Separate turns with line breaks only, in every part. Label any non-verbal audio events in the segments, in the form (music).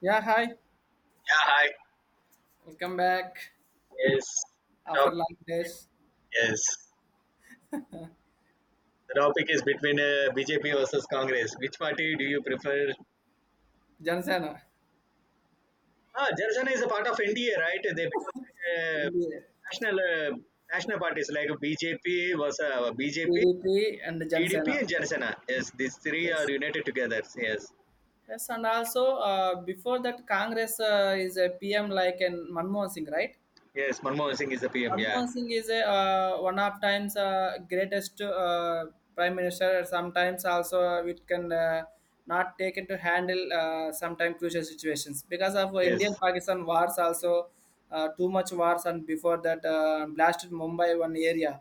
Yeah, hi.
Yeah, hi.
Welcome back
Yes. The
after
top-
long days.
yes. The topic is between BJP versus Congress. Which party do you prefer?
Jansena,
Ah, Jarjana is a part of NDA, right? They become like, uh,
India,
national national parties like BJP,
PDP and Jansena.
TDP, and Jarjana. Yes, these three are
Yes.
united together. Yes.
Yes, and also before that, Congress is a PM like an Manmohan Singh, right?
Yes, Manmohan Singh is the PM. Yeah.
Manmohan Singh is a one of times greatest prime minister. Sometimes also it can not taken to handle sometimes crucial situations because of
Yes.
Indian Pakistan wars also too much wars and before that blasted Mumbai one area.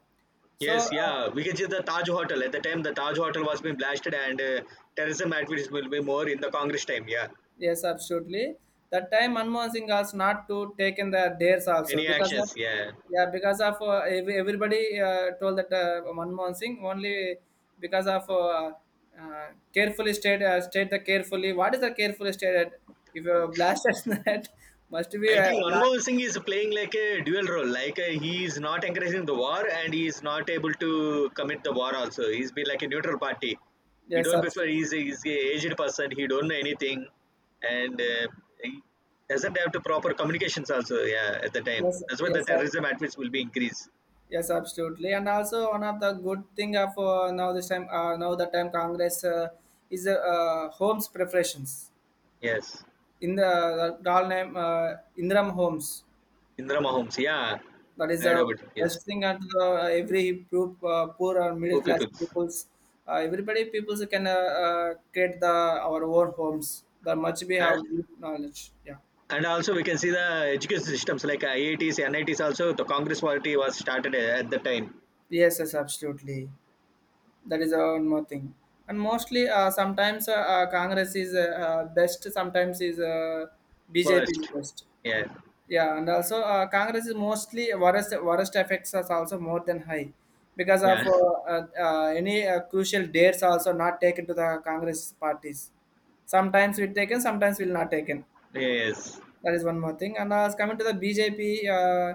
So
Yes,
uh,
yeah. We can see the Taj Hotel. At the time, the Taj Hotel was being blasted, and terrorism activities will be more in the Congress time. Yeah.
Yes, absolutely. That time Manmohan Singh asked not to take in the dares also
Any
because of
actions? Yeah.
yeah because of every, everybody told that Manmohan Singh only because of carefully state state the carefully what is the carefully stated if you blast us (laughs) that must be
I think
not
Manmohan Singh is playing like a dual role. Like he is not encouraging the war, and he is not able to commit the war. Also, he's been like a neutral party. He
yes
don't prefer. He's
absolutely
a, he's a aged person. He don't know anything, and he doesn't have the proper communications. Also, yeah, at the time.
yes
That's why the
yes
terrorism at will be increased.
yes absolutely and also one of the good thing of now this time now the time Congress is homes preparations
Yes,
In the doll name, Indiram Homes.
Indra Mahomes. Yeah,
That
I
is
heard
a
about it. Yes,
best thing at the, every group, poor or middle
two
class
people.
peoples. Everybody peoples can create the our own homes. That much we
And,
have good knowledge. Yeah.
and also we can see the education systems like IITs, NITs. Also, the Congress party was started at the time
Yes, yes, absolutely. That is one more thing. And mostly, sometimes Congress is best. Sometimes is BJP is
first.
best.
Yeah.
Yeah, and also Congress is mostly worst effects is also more than high because
Yeah.
of any crucial dates also not taken to the Congress parties. Sometimes we taken, sometimes will not taken.
Yes.
That is one more thing. And coming to the BJP,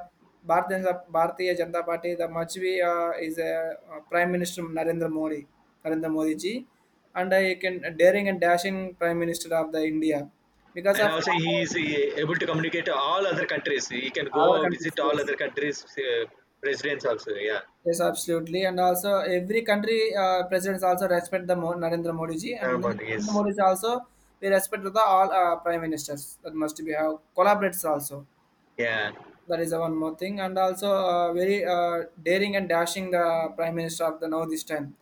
Bharatiya Janata Party, the much we is a Prime Minister Narendra Modi, Narendra Modi ji, and you can daring and dashing Prime Minister of the India because
And
of
also he is able to communicate to all other countries. He can
our
go visit
countries.
all
Yes.
other countries' presidents also. Yeah.
Yes, absolutely. And also, every country presidents also respect the Narendra Modi ji, and
Ramon
Narendra
is.
Modi ji also we respect the all prime ministers that must be have collaborates also.
Yeah.
That is the one more thing, and also very daring and dashing the prime minister of the now this time.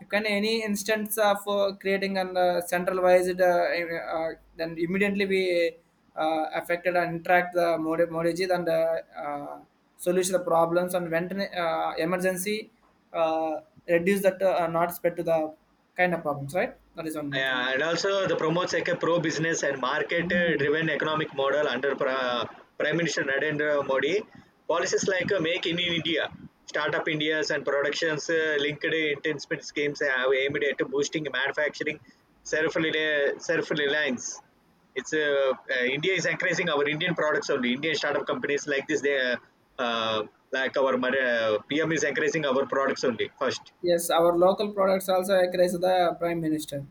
You can any instance of creating an centralized, then immediately we affected and interact the Modiji and solution the problems and went in, emergency uh, reduce that not spread to the kind of problems, right? That is one more
Yeah, and also the promotes like a pro-business and
thing.
market-driven economic model under Prime Minister Narendra Modi. Policies like Make in India, Startup India's and productions linked investment schemes have aimed at boosting manufacturing self-reliance. It's India is encouraging our Indian products only. Indian startup companies like this, they uh, uh, like our PM is encouraging our products only first.
Yes, our local products also encourage the prime minister.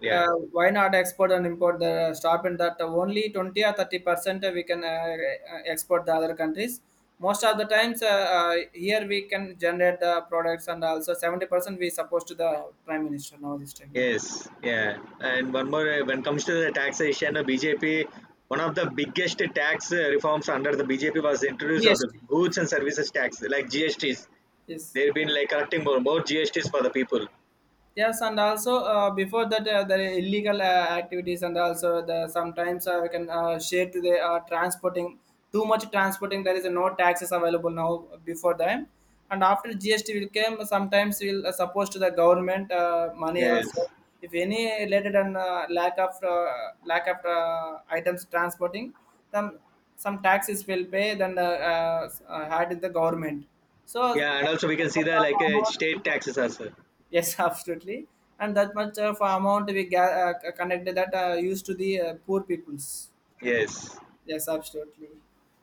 Yeah.
Why not export and import the stop in that only 20 or 30% we can export the other countries. Most of the times here we can generate the products and also 70% we supposed to the prime minister now this time. Yeah,
Yes, yeah. And one more, when it comes to the taxation, BJP, one of the biggest tax reforms under the BJP was the introduce of the
GST.
goods and services tax, like GSTs.
Yes.
They've been like collecting more GSTs for the people.
Yes, and also before that, the illegal activities and also the sometimes we can share to the transporting too much transporting. There is no taxes available now before them, and after GST will come, sometimes will suppose to the government money
Yes.
also. If any related and lack of items transporting, then some taxes will pay. Then had the government. So because
Yeah, and also we can see the
of
like
amount we
state
can
taxes also.
Yes, (laughs) absolutely. And that much of amount we connected that used to the poor peoples.
Yes.
Yes, absolutely.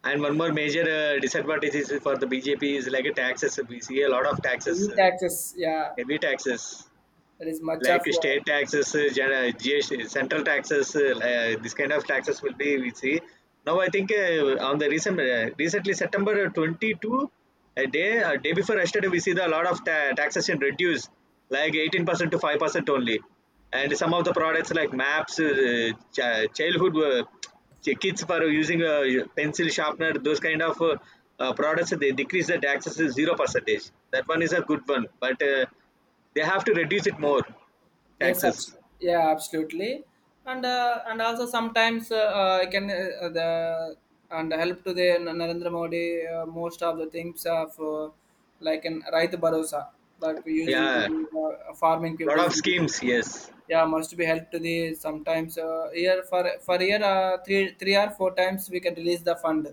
And one more major disadvantage is for the BJP is like a taxes. We see a lot of taxes,
Heavy taxes. Yeah,
heavy taxes,
that is much of.
like state taxes, GST, central taxes, this kind of taxes will be we see. Now I think on the recently September 22nd, a day before yesterday we see the lot of taxation reduced like 18% to 5% only, and some of the products like maps, childhood kids for using a pencil sharpener, those kind of products they decrease the taxes to zero percentage. That one is a good one, but they have to reduce it more
Yes, abs-
taxes.
yeah, absolutely, and and also sometimes I can the and help to the Narendra Modi most of the things of like in Raita Bharosa like using to
Yeah.
do, farming
Lot
people's
of
industry.
schemes. Yes.
Yeah must be helped to the sometimes year for year three or four times we can release the fund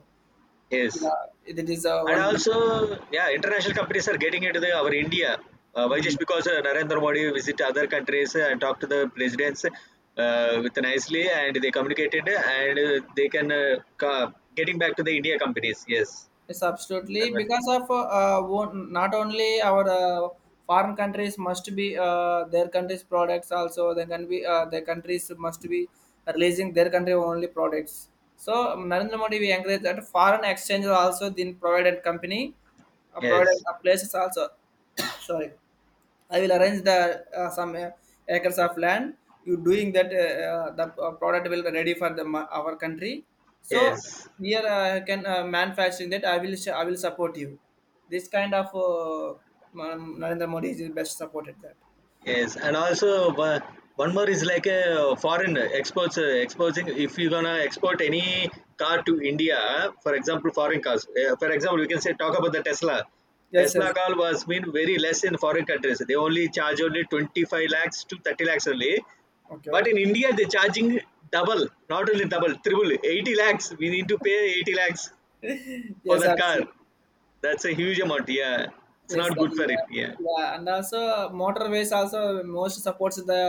Yes.
yeah it is
And
one good
also,
thing.
yeah, international companies are getting into our India. Why
Mm.
just because Narendra Modi visit other countries and talk to the presidents with nicely and they communicated and they can getting back to the India companies. Yes.
Yes, absolutely. Because of not only our foreign countries must be their country's products also. They can be their countries must be releasing their country only products. So Narendra Modi we encourage that foreign exchange also then provided company,
Yes.
provided places also. (coughs) Sorry. I will arrange the some acres of land. You doing that, the product will be ready for the our country. So
Yes.
we are can manufacturing that. I will support you. This kind of Narendra Modi is best supported that.
Yes, and also one more is like a foreign exports exposing. If you're gonna export any car to India, for example, foreign cars. For example, we can say talk about the Tesla.
Yes,
Tesla
yes,
car was been very less in foreign countries. They only charge only 25 lakhs to 30 lakhs only. But
okay,
in India, they're charging double, not only double, triple, 80 lakhs. We need to pay 80 lakhs
(laughs)
for
yes,
that car.
absolutely.
That's a huge amount. Yeah, it's
Yes,
not
that
good
is
for it. Yeah.
yeah, and also motorways also most supports the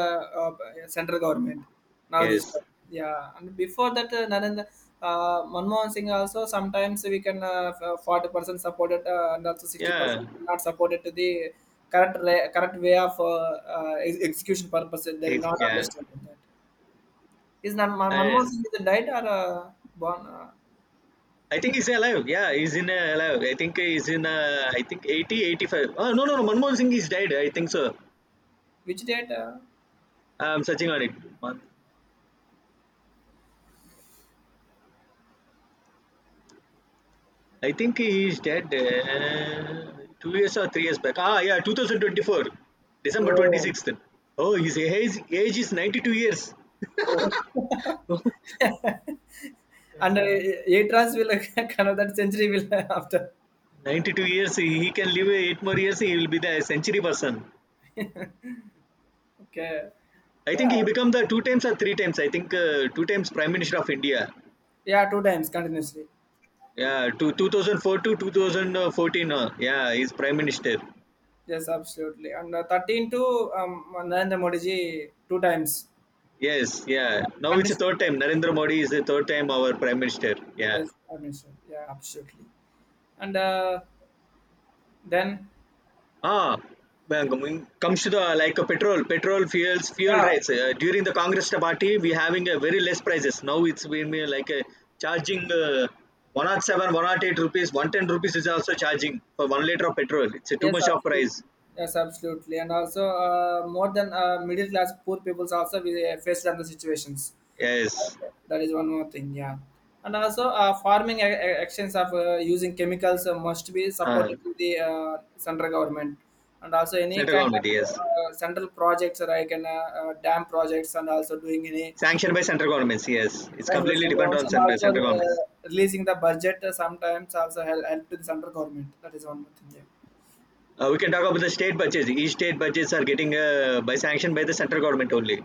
central government now this
Yes.
time. Yeah, and before that, Narendra Manmohan Singh also sometimes we can 40% supported and also sixty
Yeah.
percent not supported to the current way of execution purpose. They are
It's,
not
yeah.
understanding that. Is Manmohan
And
Singh is died or born?
I think he's alive. Yeah, he's in alive. I think he's in. I think 80, 85. Oh no, no, no. Manmohan Singh is dead. I think so.
Which date?
I'm searching on it. Man- I think he is dead. 2 years or 3 years back. Ah, yeah, 2024, December
Oh,
26th. Oh, his age is 92 years.
oh. (laughs) And Yatrans will (laughs) another century will (laughs) after.
92 years. He can live 8 more years. He will be the century person.
Okay.
I think
Yeah.
he become the two times or three times. I think two times prime minister of India.
Yeah, two times continuously.
Yeah, to 2004 to 2014. Yeah, he's prime minister.
Yes, absolutely. And 13 to Narendra Modi ji two times.
Yes, yeah. Now it's the
Continuously two
third
times.
time. Narendra Modi is the third time our prime minister. Yeah.
Yes, so, yeah, absolutely. And then,
Ah, well, comes to the like petrol fuels, fuel
yeah,
rates. During the Congress party, we having a very less prices. Now it's been like a charging 107, 108 rupees, 110 rupees is also charging for 1 liter of petrol. It's a too
Yes,
much of
absolutely.
price.
Yes, absolutely. And also, more than middle class, poor peoples also we face the situations.
Yes.
Okay. That is one more thing. Yeah. And also, farming actions of using chemicals must be
Uh,
supported to the central government. And also, any
Center
kind
government,
of
yes.
central projects like an, dam projects, and also doing any
Sanctioned by central governments, yes. It's
kind of
completely dependent
environments,
on
and
by
also
central governments.
releasing the budget sometimes also help to the central government. That is one more thing. Yeah.
We can talk about the state budgets. Each state budgets are getting by sanction by the central government only.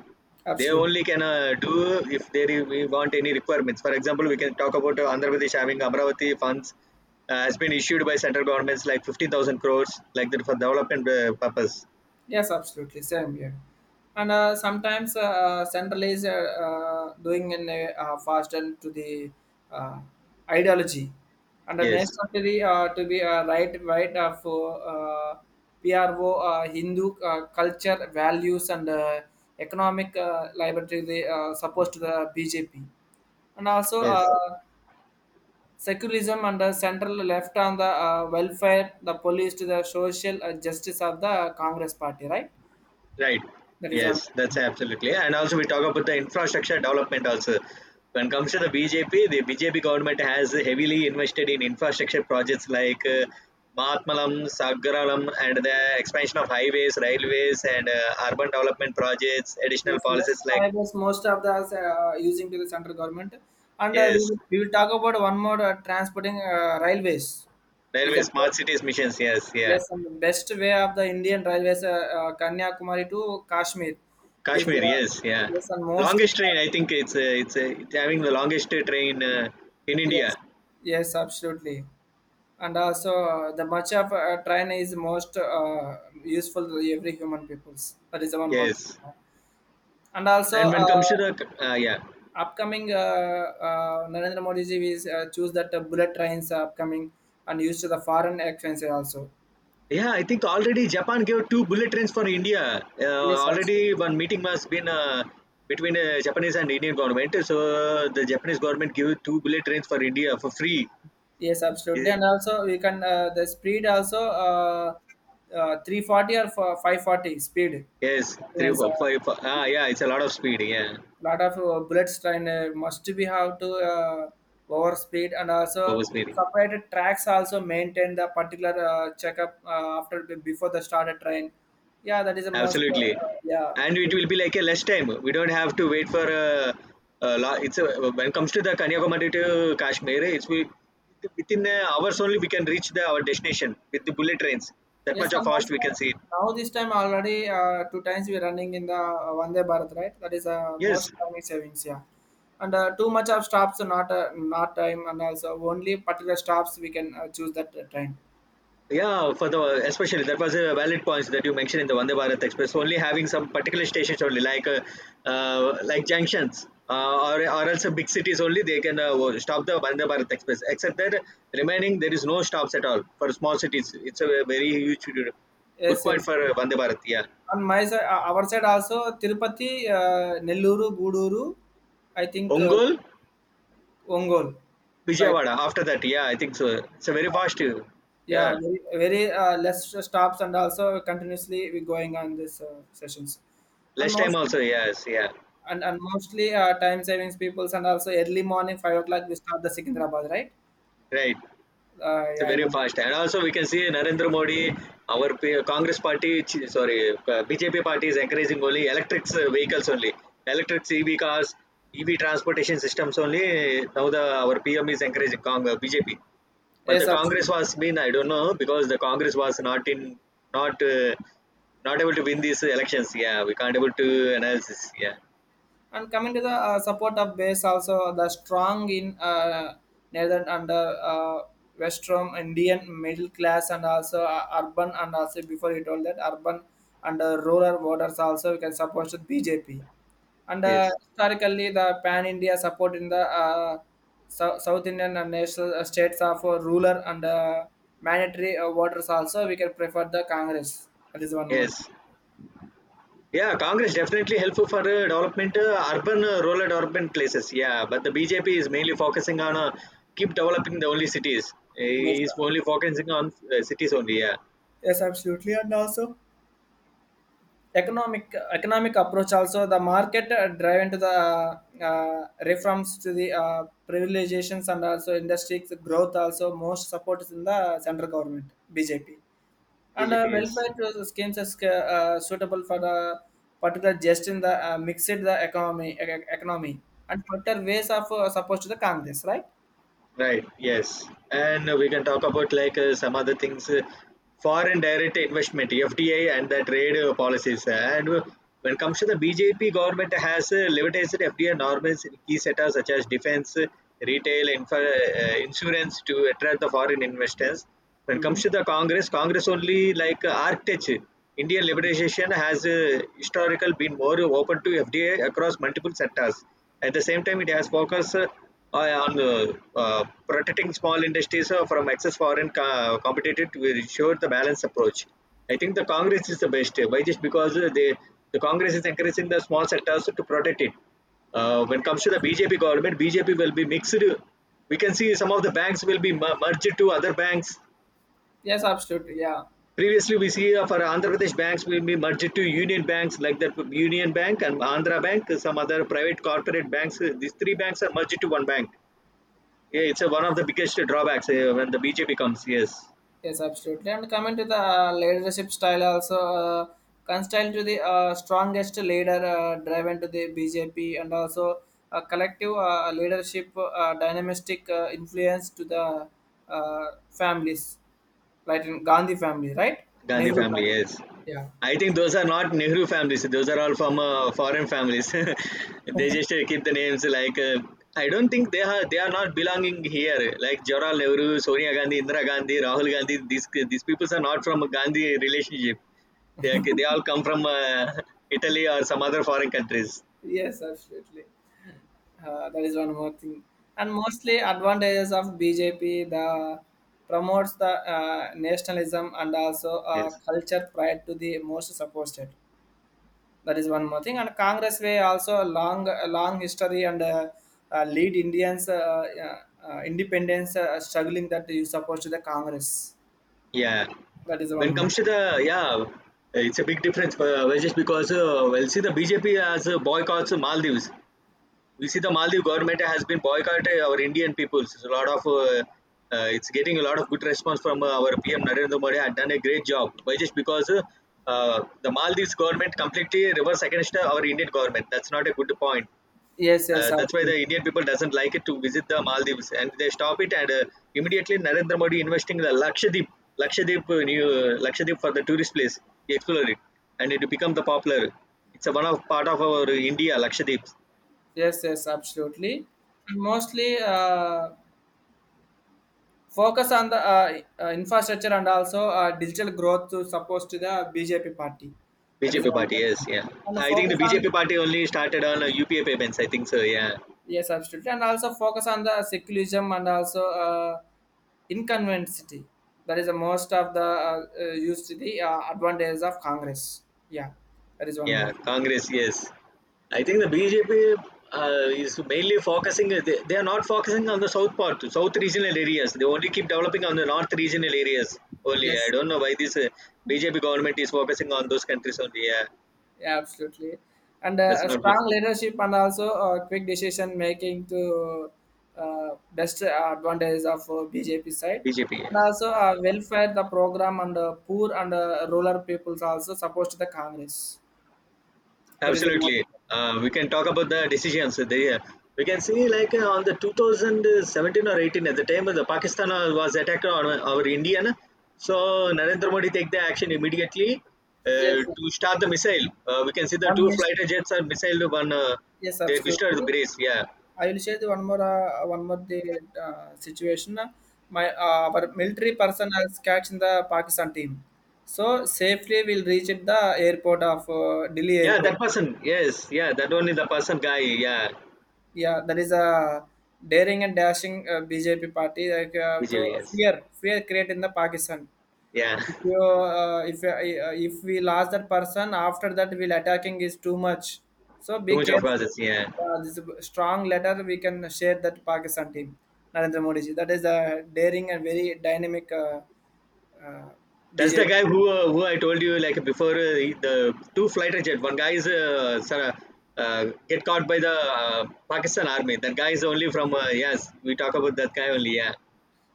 They
Absolutely.
only can do if they we want any requirements. For example, we can talk about Andhra Pradesh having Amravati funds has been issued by central governments like 15,000 crores like that for development purpose.
Yes, absolutely. Same here. And sometimes centralized doing in a fasten to the uh, ideology and
Yes,
necessary to be right for uh, PRO Hindu culture values and economic liberty they supposed to the BJP and also
yes.
secularism and the central left on the welfare the police to the social justice of the Congress party right.
Right.
That is on.
Yes, that's absolutely. And also we talk about the infrastructure development also. When it comes to the BJP, the BJP government has heavily invested in infrastructure projects like Mahatmalam, Sagaralam, and the expansion of highways, railways, and urban development projects, additional
Plus, most
policies like,
I was most of the using to the central government, and
yes,
we will talk about one more transporting railways. Is
railway,
the
smart
best,
cities missions, yes, yeah.
yes, and the best way of the Indian railways, Kanyakumari to Kashmir, is
Kashmir, yes, yeah.
yes, and mostly
Longest train, I think it's having the longest train in India,
yes, yes, absolutely, and also the much of train is most useful to every human peoples. That is the one more thing.
yes.
And also,
And when it comes to the, yeah.
upcoming Narendra Modi ji is choose that bullet trains are upcoming and used to the foreign expenses also.
Yeah, I think already Japan gave two bullet trains for India.
Yes,
Already
absolutely.
one meeting was been between Japanese and Indian government. So the Japanese government gave two bullet trains for India for free.
Yes, absolutely.
Eh,
And also we can the speed also 340 or for 540 speed.
Yes, three,
Yes,
four, five, four. Ah, yeah, it's a lot of speed. Yeah,
lot of bullets train must be have to over speed and also
what speed?
separated tracks also maintain the particular checkup after before the started train yeah that is the most
Absolutely,
yeah
and it will be like a less time. We don't have to wait for a lo- it's a, when it comes to the Kanyakumari to Kashmir, it's we within hours only we can reach the our destination with the bullet trains. That
yes
much of
and
fast
also
we can see it.
now this time already two times we're running in the Vande Bharat right that is
Yes.
most time savings yeah and too much of stops are not not time and also only particular stops we can choose that train
Yeah, for the especially that was a valid point that you mentioned in the Vande Bharat Express. Only having some particular stations only, like junctions, or else big cities only they can stop the Vande Bharat Express. Except that remaining there is no stops at all for small cities. It's a very huge good
yes
point
yes
for Vande Bharat. Yeah,
On my side our side also Tirupati, Nellore, Guduru, I think,
Ongol,
Ongole, right.
Vijayawada. After that, yeah, I think so. It's a very fast. Yeah,
Yeah, very, very, less stops and also continuously we going on this, sessions. And
less time
most
also. Yes, yeah,
and mostly, time savings peoples and also early morning 5 o'clock we start the Secunderabad, right?
right. It's a
Yeah, I
very
know.
fast, and also we can see Narendra Modi, our Congress party, sorry, BJP party is encouraging only electric vehicles only, electric EV cars, EV transportation systems only. Now the our PM is encouraging BJP, but
Yes,
the Congress
absolutely.
was been I don't know because the Congress was not in not not able to win these elections. Yeah, we can't able to analysis. Yeah,
And coming to the support of base, also the strong in northern and uh, western Indian middle class, and also urban, and also before you told that urban and rural voters also we can support the BJP. And
yes,
historically, the pan India support in the South Indian and national states of ruler and mandatory voters also we can prefer the Congress. That is one more thing.
yes. Yeah, Congress definitely helpful for development, urban, rural development places. Yeah, but the BJP is mainly focusing on keep developing the only cities.
Yes,
He's
sir.
only focusing on cities only. Yeah,
Yes, absolutely, and also. Economic approach also the market driven to the reforms to the privatizations and also industries growth also most support is in the central government BJP and
BJP is.
welfare to schemes is suitable for the particular just in the mixed the economy economy and particular ways of supposed to the Congress right.
Right, yes. And we can talk about like some other things foreign direct investment, FDI, and the trade policies. And when it comes to the BJP government, has levitised FDI norms in key sectors such as defense, retail, infra, insurance to attract the foreign investors when it comes
Mm-hmm.
to the Congress, Congress only like Arctic Indian liberalization has historical been more open to FDI across multiple sectors. At the same time, it has focused on protecting small industries from excess foreign competitive to ensure the balanced approach. I think the Congress is the best. Why just because the Congress is encouraging the small sectors to protect it. When it comes to the BJP government, BJP will be mixed. We can see some of the banks will be merged to other banks.
Yes, absolutely. Yeah.
Previously, we see of our Andhra Pradesh banks will be merged to union banks like the Union Bank and Andhra Bank, some other private corporate banks. These three banks are merged to one bank. Yeah, it's one of the biggest drawbacks when the BJP comes. Yes,
Yes, absolutely. And coming to the leadership style, also constant to the strongest leader driven to the BJP, and also a collective leadership dynamistic influence to the families, like in Gandhi family, right?
Gandhi
Nehru
family.
Gandhi.
Yes,
Yeah.
I think those are not Nehru families. Those are all from foreign families. (laughs) They just keep the names like. I don't think they are not belonging here. Like Jawaharlal Nehru, Sonia Gandhi, Indira Gandhi, Rahul Gandhi. These people are not from a Gandhi relationship. They all come from (laughs) Italy or some other foreign countries.
Yes, absolutely. That is one more thing. And mostly advantages of BJP, the promotes the nationalism and also
Yes.
culture pride to the most supported. That is one more thing. And Congress way also a long history and lead Indians independence struggling that you support to the Congress.
Yeah.
That is
When
one more.
comes to the yeah, it's a big difference. Just because see, the BJP has boycotts Maldives. We see the Maldives government has been boycotting our Indian peoples. It's a lot of it's getting a lot of good response from our PM Narendra Modi. Had done a great job. Why? Just because the Maldives government completely reverse against our Indian government. That's not a good point.
Yes, yes,
That's why the
absolutely.
Indian people doesn't like it to visit the Maldives, and they stop it. And Immediately Narendra Modi investing the Lakshadweep for the tourist place. He explored it, and it become the popular. It's a one of part of our India Lakshadweep.
Yes, yes, absolutely. And mostly. Focus on the infrastructure and also digital growth to support to the BJP party. That is
BJP
one
party. Yes,
thing.
yeah.
And
I think the
focus on,
BJP party only started on UPA payments. I think so. Yeah,
yes, absolutely, and also focus on the secularism and also inconveniency. That is the most of the used to the advantages of Congress. Yeah, that is one more
yeah.
thing.
Congress, yes. I think the BJP is mainly focusing. They are not focusing on the south part, south regional areas. They only keep developing on the north regional areas only. I
Yes.
don't know why this BJP government is focusing on those countries only. Yeah,
Yeah, absolutely. And
that's
a
not good.
strong leadership and also quick decision making to best advantage of BJP side.
BJP.
And also
Yeah.
welfare, the program and poor and rural peoples also supposed to the Congress. That is the most.
Absolutely. We can talk about the decisions. There we can see like on the 2017 or 18, at the time the Pakistan was attacked on our Indian. So Narendra Modi take the action immediately
Yes, sir.
to start the missile. We can see the
One
two
mission.
fighter jets and missile one.
Yes,
They destroyed the
absolutely.
base. Yeah,
I will share the one more the situation. My Our military person has catch in the Pakistan team, so safely we'll reach at the airport of Delhi
yeah,
airport.
that person. Yes, yeah, that only the person guy. Yeah,
Yeah, that is a daring and dashing BJP party like to
Vijay. Yes,
fear create in the Pakistan.
yeah.
If
(laughs)
you if we lost that person, after that will attacking is too much. So
Too
be
much of process.
careful.
Yeah.
This is a strong letter we can share that Pakistan team, Narendra Modi ji. That is a daring and very dynamic uh,
That's the
BJP.
guy who I told you like before the two fighter jet. One guy is sort of, get caught by the Pakistan army. That guy is only from yes. We talk about that guy only. Yeah.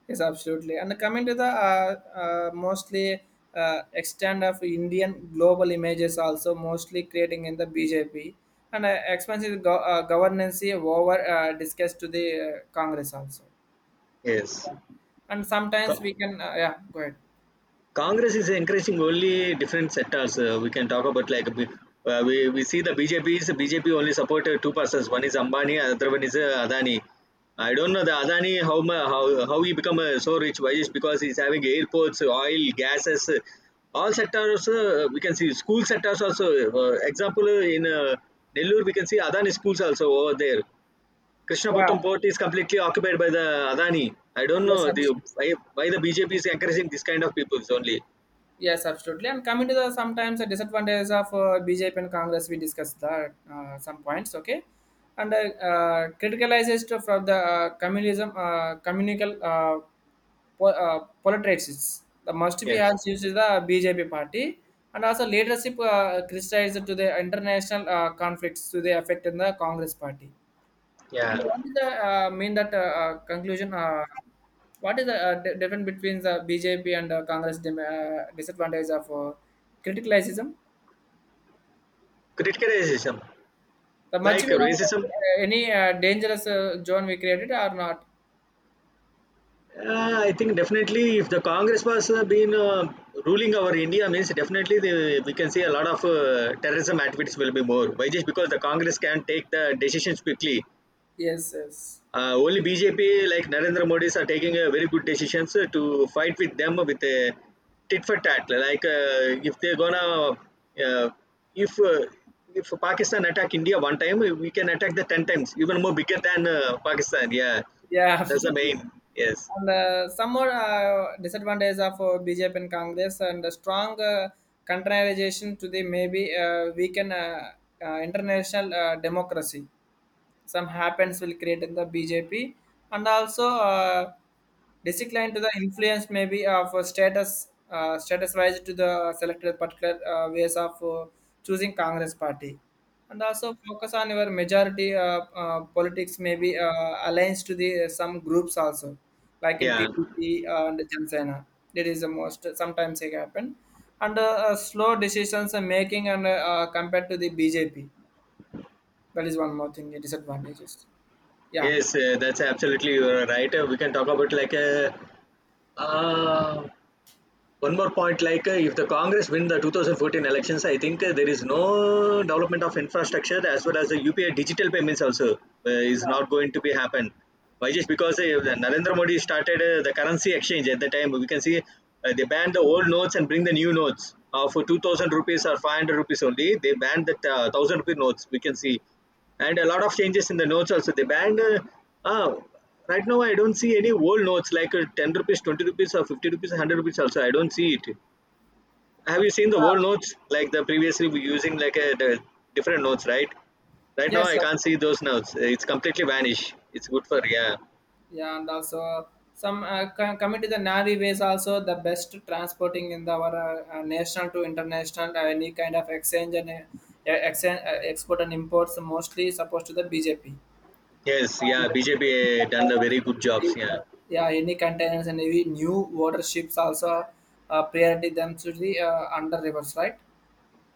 Yes, absolutely. And coming to the mostly extent of Indian global images also mostly creating in the BJP and expensive governance over discussed to the Congress also.
Yes.
And sometimes
Co-
we can yeah, go ahead.
Congress is encouraging only different sectors. We can talk about like we see the BJP only supported two persons. One is Ambani, other one is Adani. I don't know the Adani how how he become so rich. Why is because he's having airports, oil, gases, all sectors. We can see school sectors also. Example in Nellore we can see Adani schools also over there.
Yeah.
Krishnapatnam port is completely occupied by the Adani. I don't
Yes,
know the
absolutely.
why the BJP is encouraging this kind of peoples only.
Yes, absolutely. And coming to the sometimes the disadvantages of BJP and Congress, we discussed that some points. Okay. And criticalizes to from the communism communal po- uh, politics the must be
Yes.
has used is the BJP party. And also leadership criticized to the international conflicts to the effect in the Congress party. And
Yeah.
what is the mean that conclusion? What is the di- difference between the BJP and Congress disadvantage of criticalism?
Criticism,
The much
like
we have
racism.
any dangerous zone we created or not?
I think definitely if the Congress was been ruling our India means definitely the, we can see a lot of terrorism activities will be more. Why? Just because the Congress can take the decisions quickly.
Yes, yes,
Only BJP like Narendra Modi's are taking a very good decisions to fight with them with a tit for tat. Like if they're gonna uh, if uh, if Pakistan attack India one time, we can attack the 10 times, even more bigger than Pakistan. Yeah,
yeah, (laughs)
that's the
absolutely.
main. Yes,
And some more disadvantage of BJP and Congress, and the strong contrariization to the maybe weaken international democracy. Some happens will create in the BJP, and also decline to the influence maybe of a status status wise to the selected particular ways of choosing Congress party, and also focus on your majority politics maybe aligns to the some groups also, like in
yeah,
TDP and Jansena. That is the most. Uh, sometimes it happen. And slow decisions are making, and compared to the BJP. That is one more thing, the disadvantages. Yeah.
yes, that's absolutely you're right. We can talk about like a. Uh, one more point, like if the Congress win the 2014 elections, I think there is no development of infrastructure as well as the UPI digital payments also is
Yeah.
not going to be happen. Why just because Narendra Modi started the currency exchange. At the time we can see they banned the old notes and bring the new notes for 2000 rupees or 500 rupees only. They banned the 1000 rupee notes, we can see, and a lot of changes in the notes also. The band uh, right now I don't see any old notes like 10 rupees, 20 rupees, or 50 rupees, 100 rupees also I don't see it. Have you seen the old
Uh,
notes like the previously we using like a the different notes, right? Right now
yes,
I
sir.
can't see those notes, it's completely vanished. It's good for,
Yeah.
yeah.
Yeah. And also some coming to the navi ways also, the best transporting in the our national to international any kind of exchange and exchange, export and imports mostly supposed to the BJP.
Yes, yeah, BJP done the very
And
good
any
jobs,
containers,
yeah.
(laughs) yeah, any containers and any new water ships also, priority them to the under rivers, right?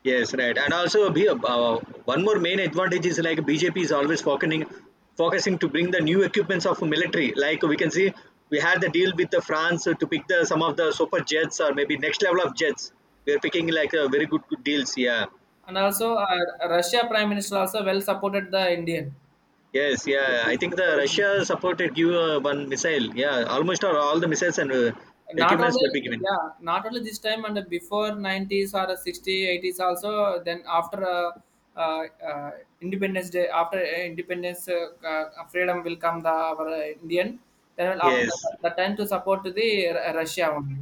Yes, right. And also, one more main advantage is like BJP is always focusing to bring the new equipments of military. Like we can see, we had the deal with the France to pick the some of the super jets or maybe next level of jets. We are picking like very good, good deals. Yeah.
And also Russia prime minister also well supported the Indian.
Yes. Yeah.
Well
I think the
supported the Indian.
Russia supported give one missile. Yeah. Almost all the missiles and
Not
equipments
only,
will be given.
yeah, not only this time and before 90s or 60, 80s also. Then after uh, uh, Independence Day, after Independence, freedom will come the our Indian. Then will up
Yes.
the time to support the Russia only,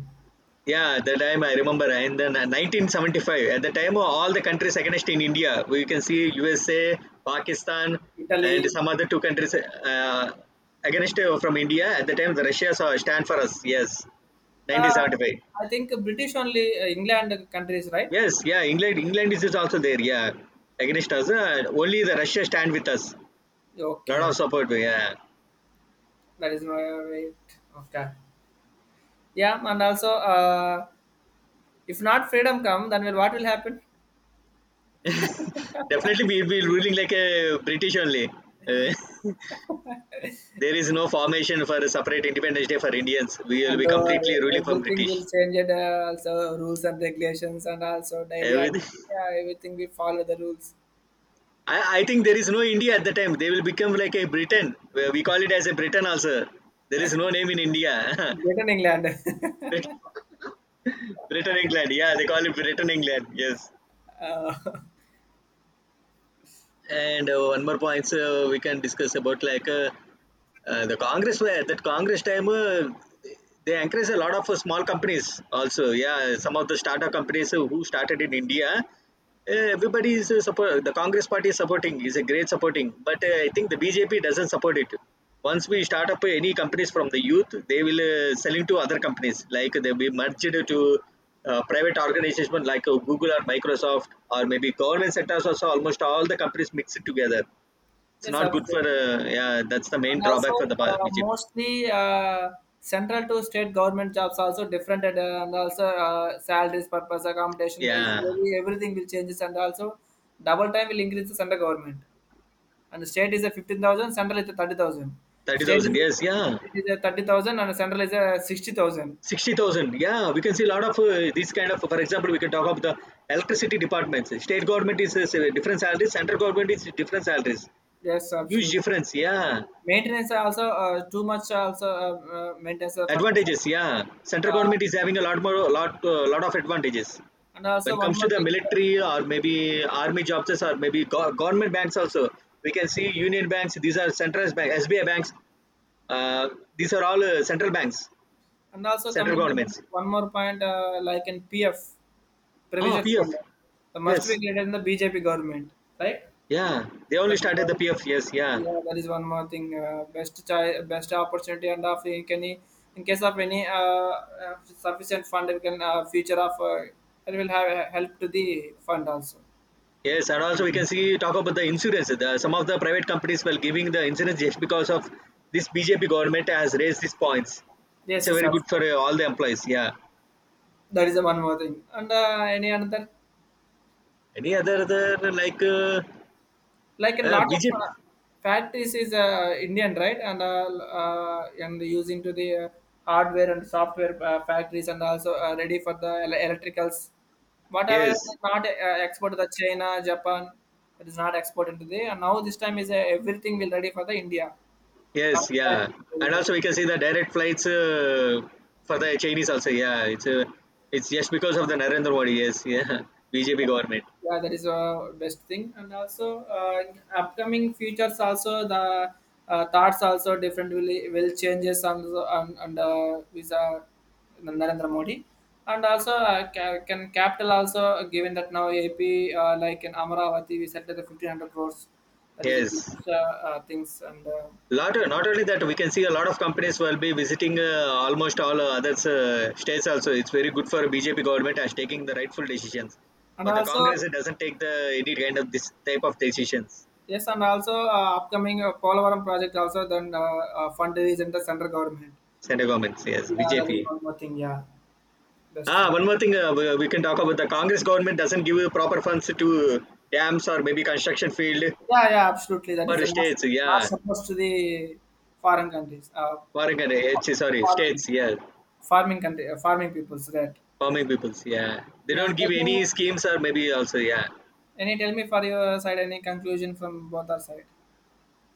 Yeah, the time I remember in 1975, at the time all the countries against in India, we can see USA, Pakistan, and
Italy.
some other two countries against from India. At the time, the Russia saw stand for us. Yes,
Uh,
1975.
I think British only England countries, right?
Yes, yeah, England, England is also there. Yeah, against us. Only the Russia stand with us.
Okay,
Lot
okay.
of support. Yeah,
That is my wait. Okay, yeah, and also if not freedom come, then will what will happen?
definitely we will be ruling like a British only. Uh, (laughs) there is no formation for a separate Independence Day for Indians. We will
And
be completely ruling from
everything
British.
will change and also rules and regulations and also daily act-
Everything.
yeah, everything we follow the rules
(laughs) I think there is no India at the time. They will become like a Britain. We call it as a Britain also. There is no name in India.
greater in England.
(laughs) Brit- Britain, England. Yeah, they call it Britain, England. Yes.
(laughs) uh,
And one more point, so we can discuss about like the Congress were that Congress time, they encourage a lot of small companies also. Yeah, some of the startup companies who started in India. Everybody is support. The Congress party is supporting is a great supporting, but I think the BJP doesn't support it. Once we start up any companies from the youth, they will selling to other companies, like they'll be merged to private organizations like Google or Microsoft or maybe government sectors also. Almost all the companies mixed together,
(laughs)
it's
yes,
not good for the,
absolutely.
yeah. That's the main
And also
drawback for the BJP.
mostly central to state government jobs also different, and and also salaries purpose accommodation is
Yeah,
very everything will changes. And also double time will increase the central government, and the state is a 15,000, central is a 30,000.
thirty
State
thousand.
is a,
Yes, yeah,
state is a 30,000, and central is a 60,000.
60,000. Yeah, we can see a lot of these kind of. For example, we can talk about the electricity departments. State government is different salaries. Central government is different salaries.
Yes,
Huge
absolutely.
difference. Yeah,
Maintenance are also too much, also maintenance of purpose.
advantages. Yeah, central government
Uh,
is having a lot more, a lot, lot of advantages
and
when
also
it
one
comes to
more
the
thing,
military or maybe army jobs or maybe government banks also. We can see union banks. These are centralized banks, SBI banks. Uh, these are all central banks,
and also
central
coming to the one,
governments.
one more point, like in PF
Ah,
provision
PF.
fund, must be
Yes.
created in the BJP government, right?
Yeah. They only
That is,
started the PF. Yes. Yeah.
yeah, that is one more thing. Best child, best opportunity, and of in can. In case of any uh, sufficient fund, we can future of it will have a help to the fund also.
Yes. And also we can
Mm.
see talk about the insurance. The, some of the private companies were giving the insurance just because of this BJP government has raised these points. It's
Yes,
a
yes,
very good for
absolutely.
all the employees. Yeah.
That is the one more thing. And any another,
Any other other like
like a lot of
BJP?
factories is Indian, right? And using to the hardware and software factories, and also ready for the electricals. Whatever
Yes.
not export to the China, Japan, it is not exported to the. And now this time is everything will ready for the India. Lot
Yes,
of factories
yeah, and
available.
also we can see the direct flights for the Chinese also. Yeah, it's just because of the Narendra Modi. Yes, yeah, (laughs) BJP government.
Yeah, that is a best thing. And also uh, upcoming futures also the thoughts also different will changes on the visa Narendra Modi. And also can capital also given that now AP, like in Amaravati we settled the 1500 crores. That is a
Yes,
biggest things,
lot, not only that we can see a lot of companies will be visiting almost all other states also. It's very good for BJP government as taking the rightful decisions,
and
but the
also
Congress it doesn't take the any kind of this type of decisions.
yes, and also upcoming Polavaram project also, then fund is in the central government.
Center governments, yes,
Yeah, that is
BJP.
one more thing. Yeah, best
Ah,
thing.
one more thing, we can talk about the Congress government doesn't give proper funds to dams or maybe construction field
Yeah, yeah, absolutely. That is
for
a not,
states.
not
Yeah,
supposed to the foreign countries,
foreign and H, sorry,
farming,
states. Yeah,
farming country, farming peoples, right?
farming peoples. Yeah, they
Yeah.
don't
Tell
give
me
any schemes or maybe also yeah.
any. Tell me for your side any conclusion from both our side.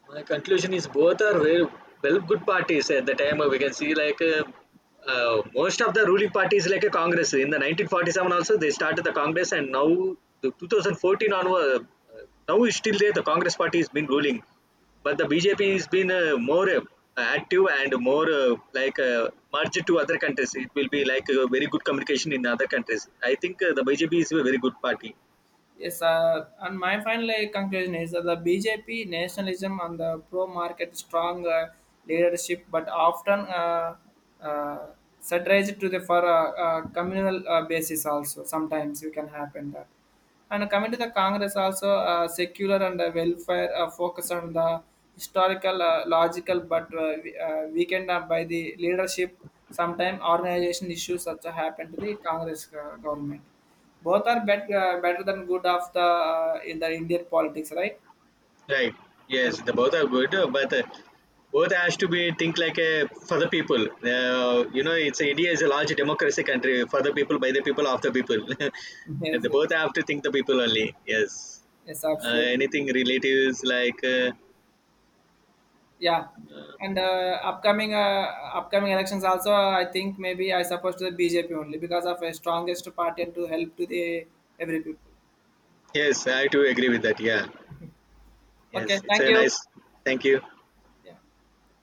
My conclusion is both are very well good parties. At the time, we can see like most of the ruling parties like a Congress in the 1947 also they started the Congress, and now the 2014 onward uh, now is still there the Congress party has been ruling, but the BJP has been more active and more like merged to other countries. It will be like a very good communication in other countries. I think the BJP is a very good party.
Yes, sir. And my final conclusion is that the BJP nationalism and the pro-market strong leadership, but often uh, satirized to the for communal basis also. Sometimes you can happen that. And coming to the Congress also, secular and welfare focus on the historical, logical, but weakened by the leadership. Sometimes organization issues also happen to the Congress government. Both are better than good of the in the Indian politics, right?
Right.
But-
Yes, the both are good, but both has to be think like a for the people. You know, it's India is a large democracy country for the people, by the people, of the people. (laughs) And
yes,
they
yes,
both have to think the people only. Yes.
yes, absolutely.
Anything relatives like
Yeah, and upcoming elections also, I think maybe I suppose to the BJP only because of a strongest party and to help to the every people.
yes, I do agree with that. Yeah. Yes,
Okay,
it's
thank
a
you.
nice. Thank you.
Yeah.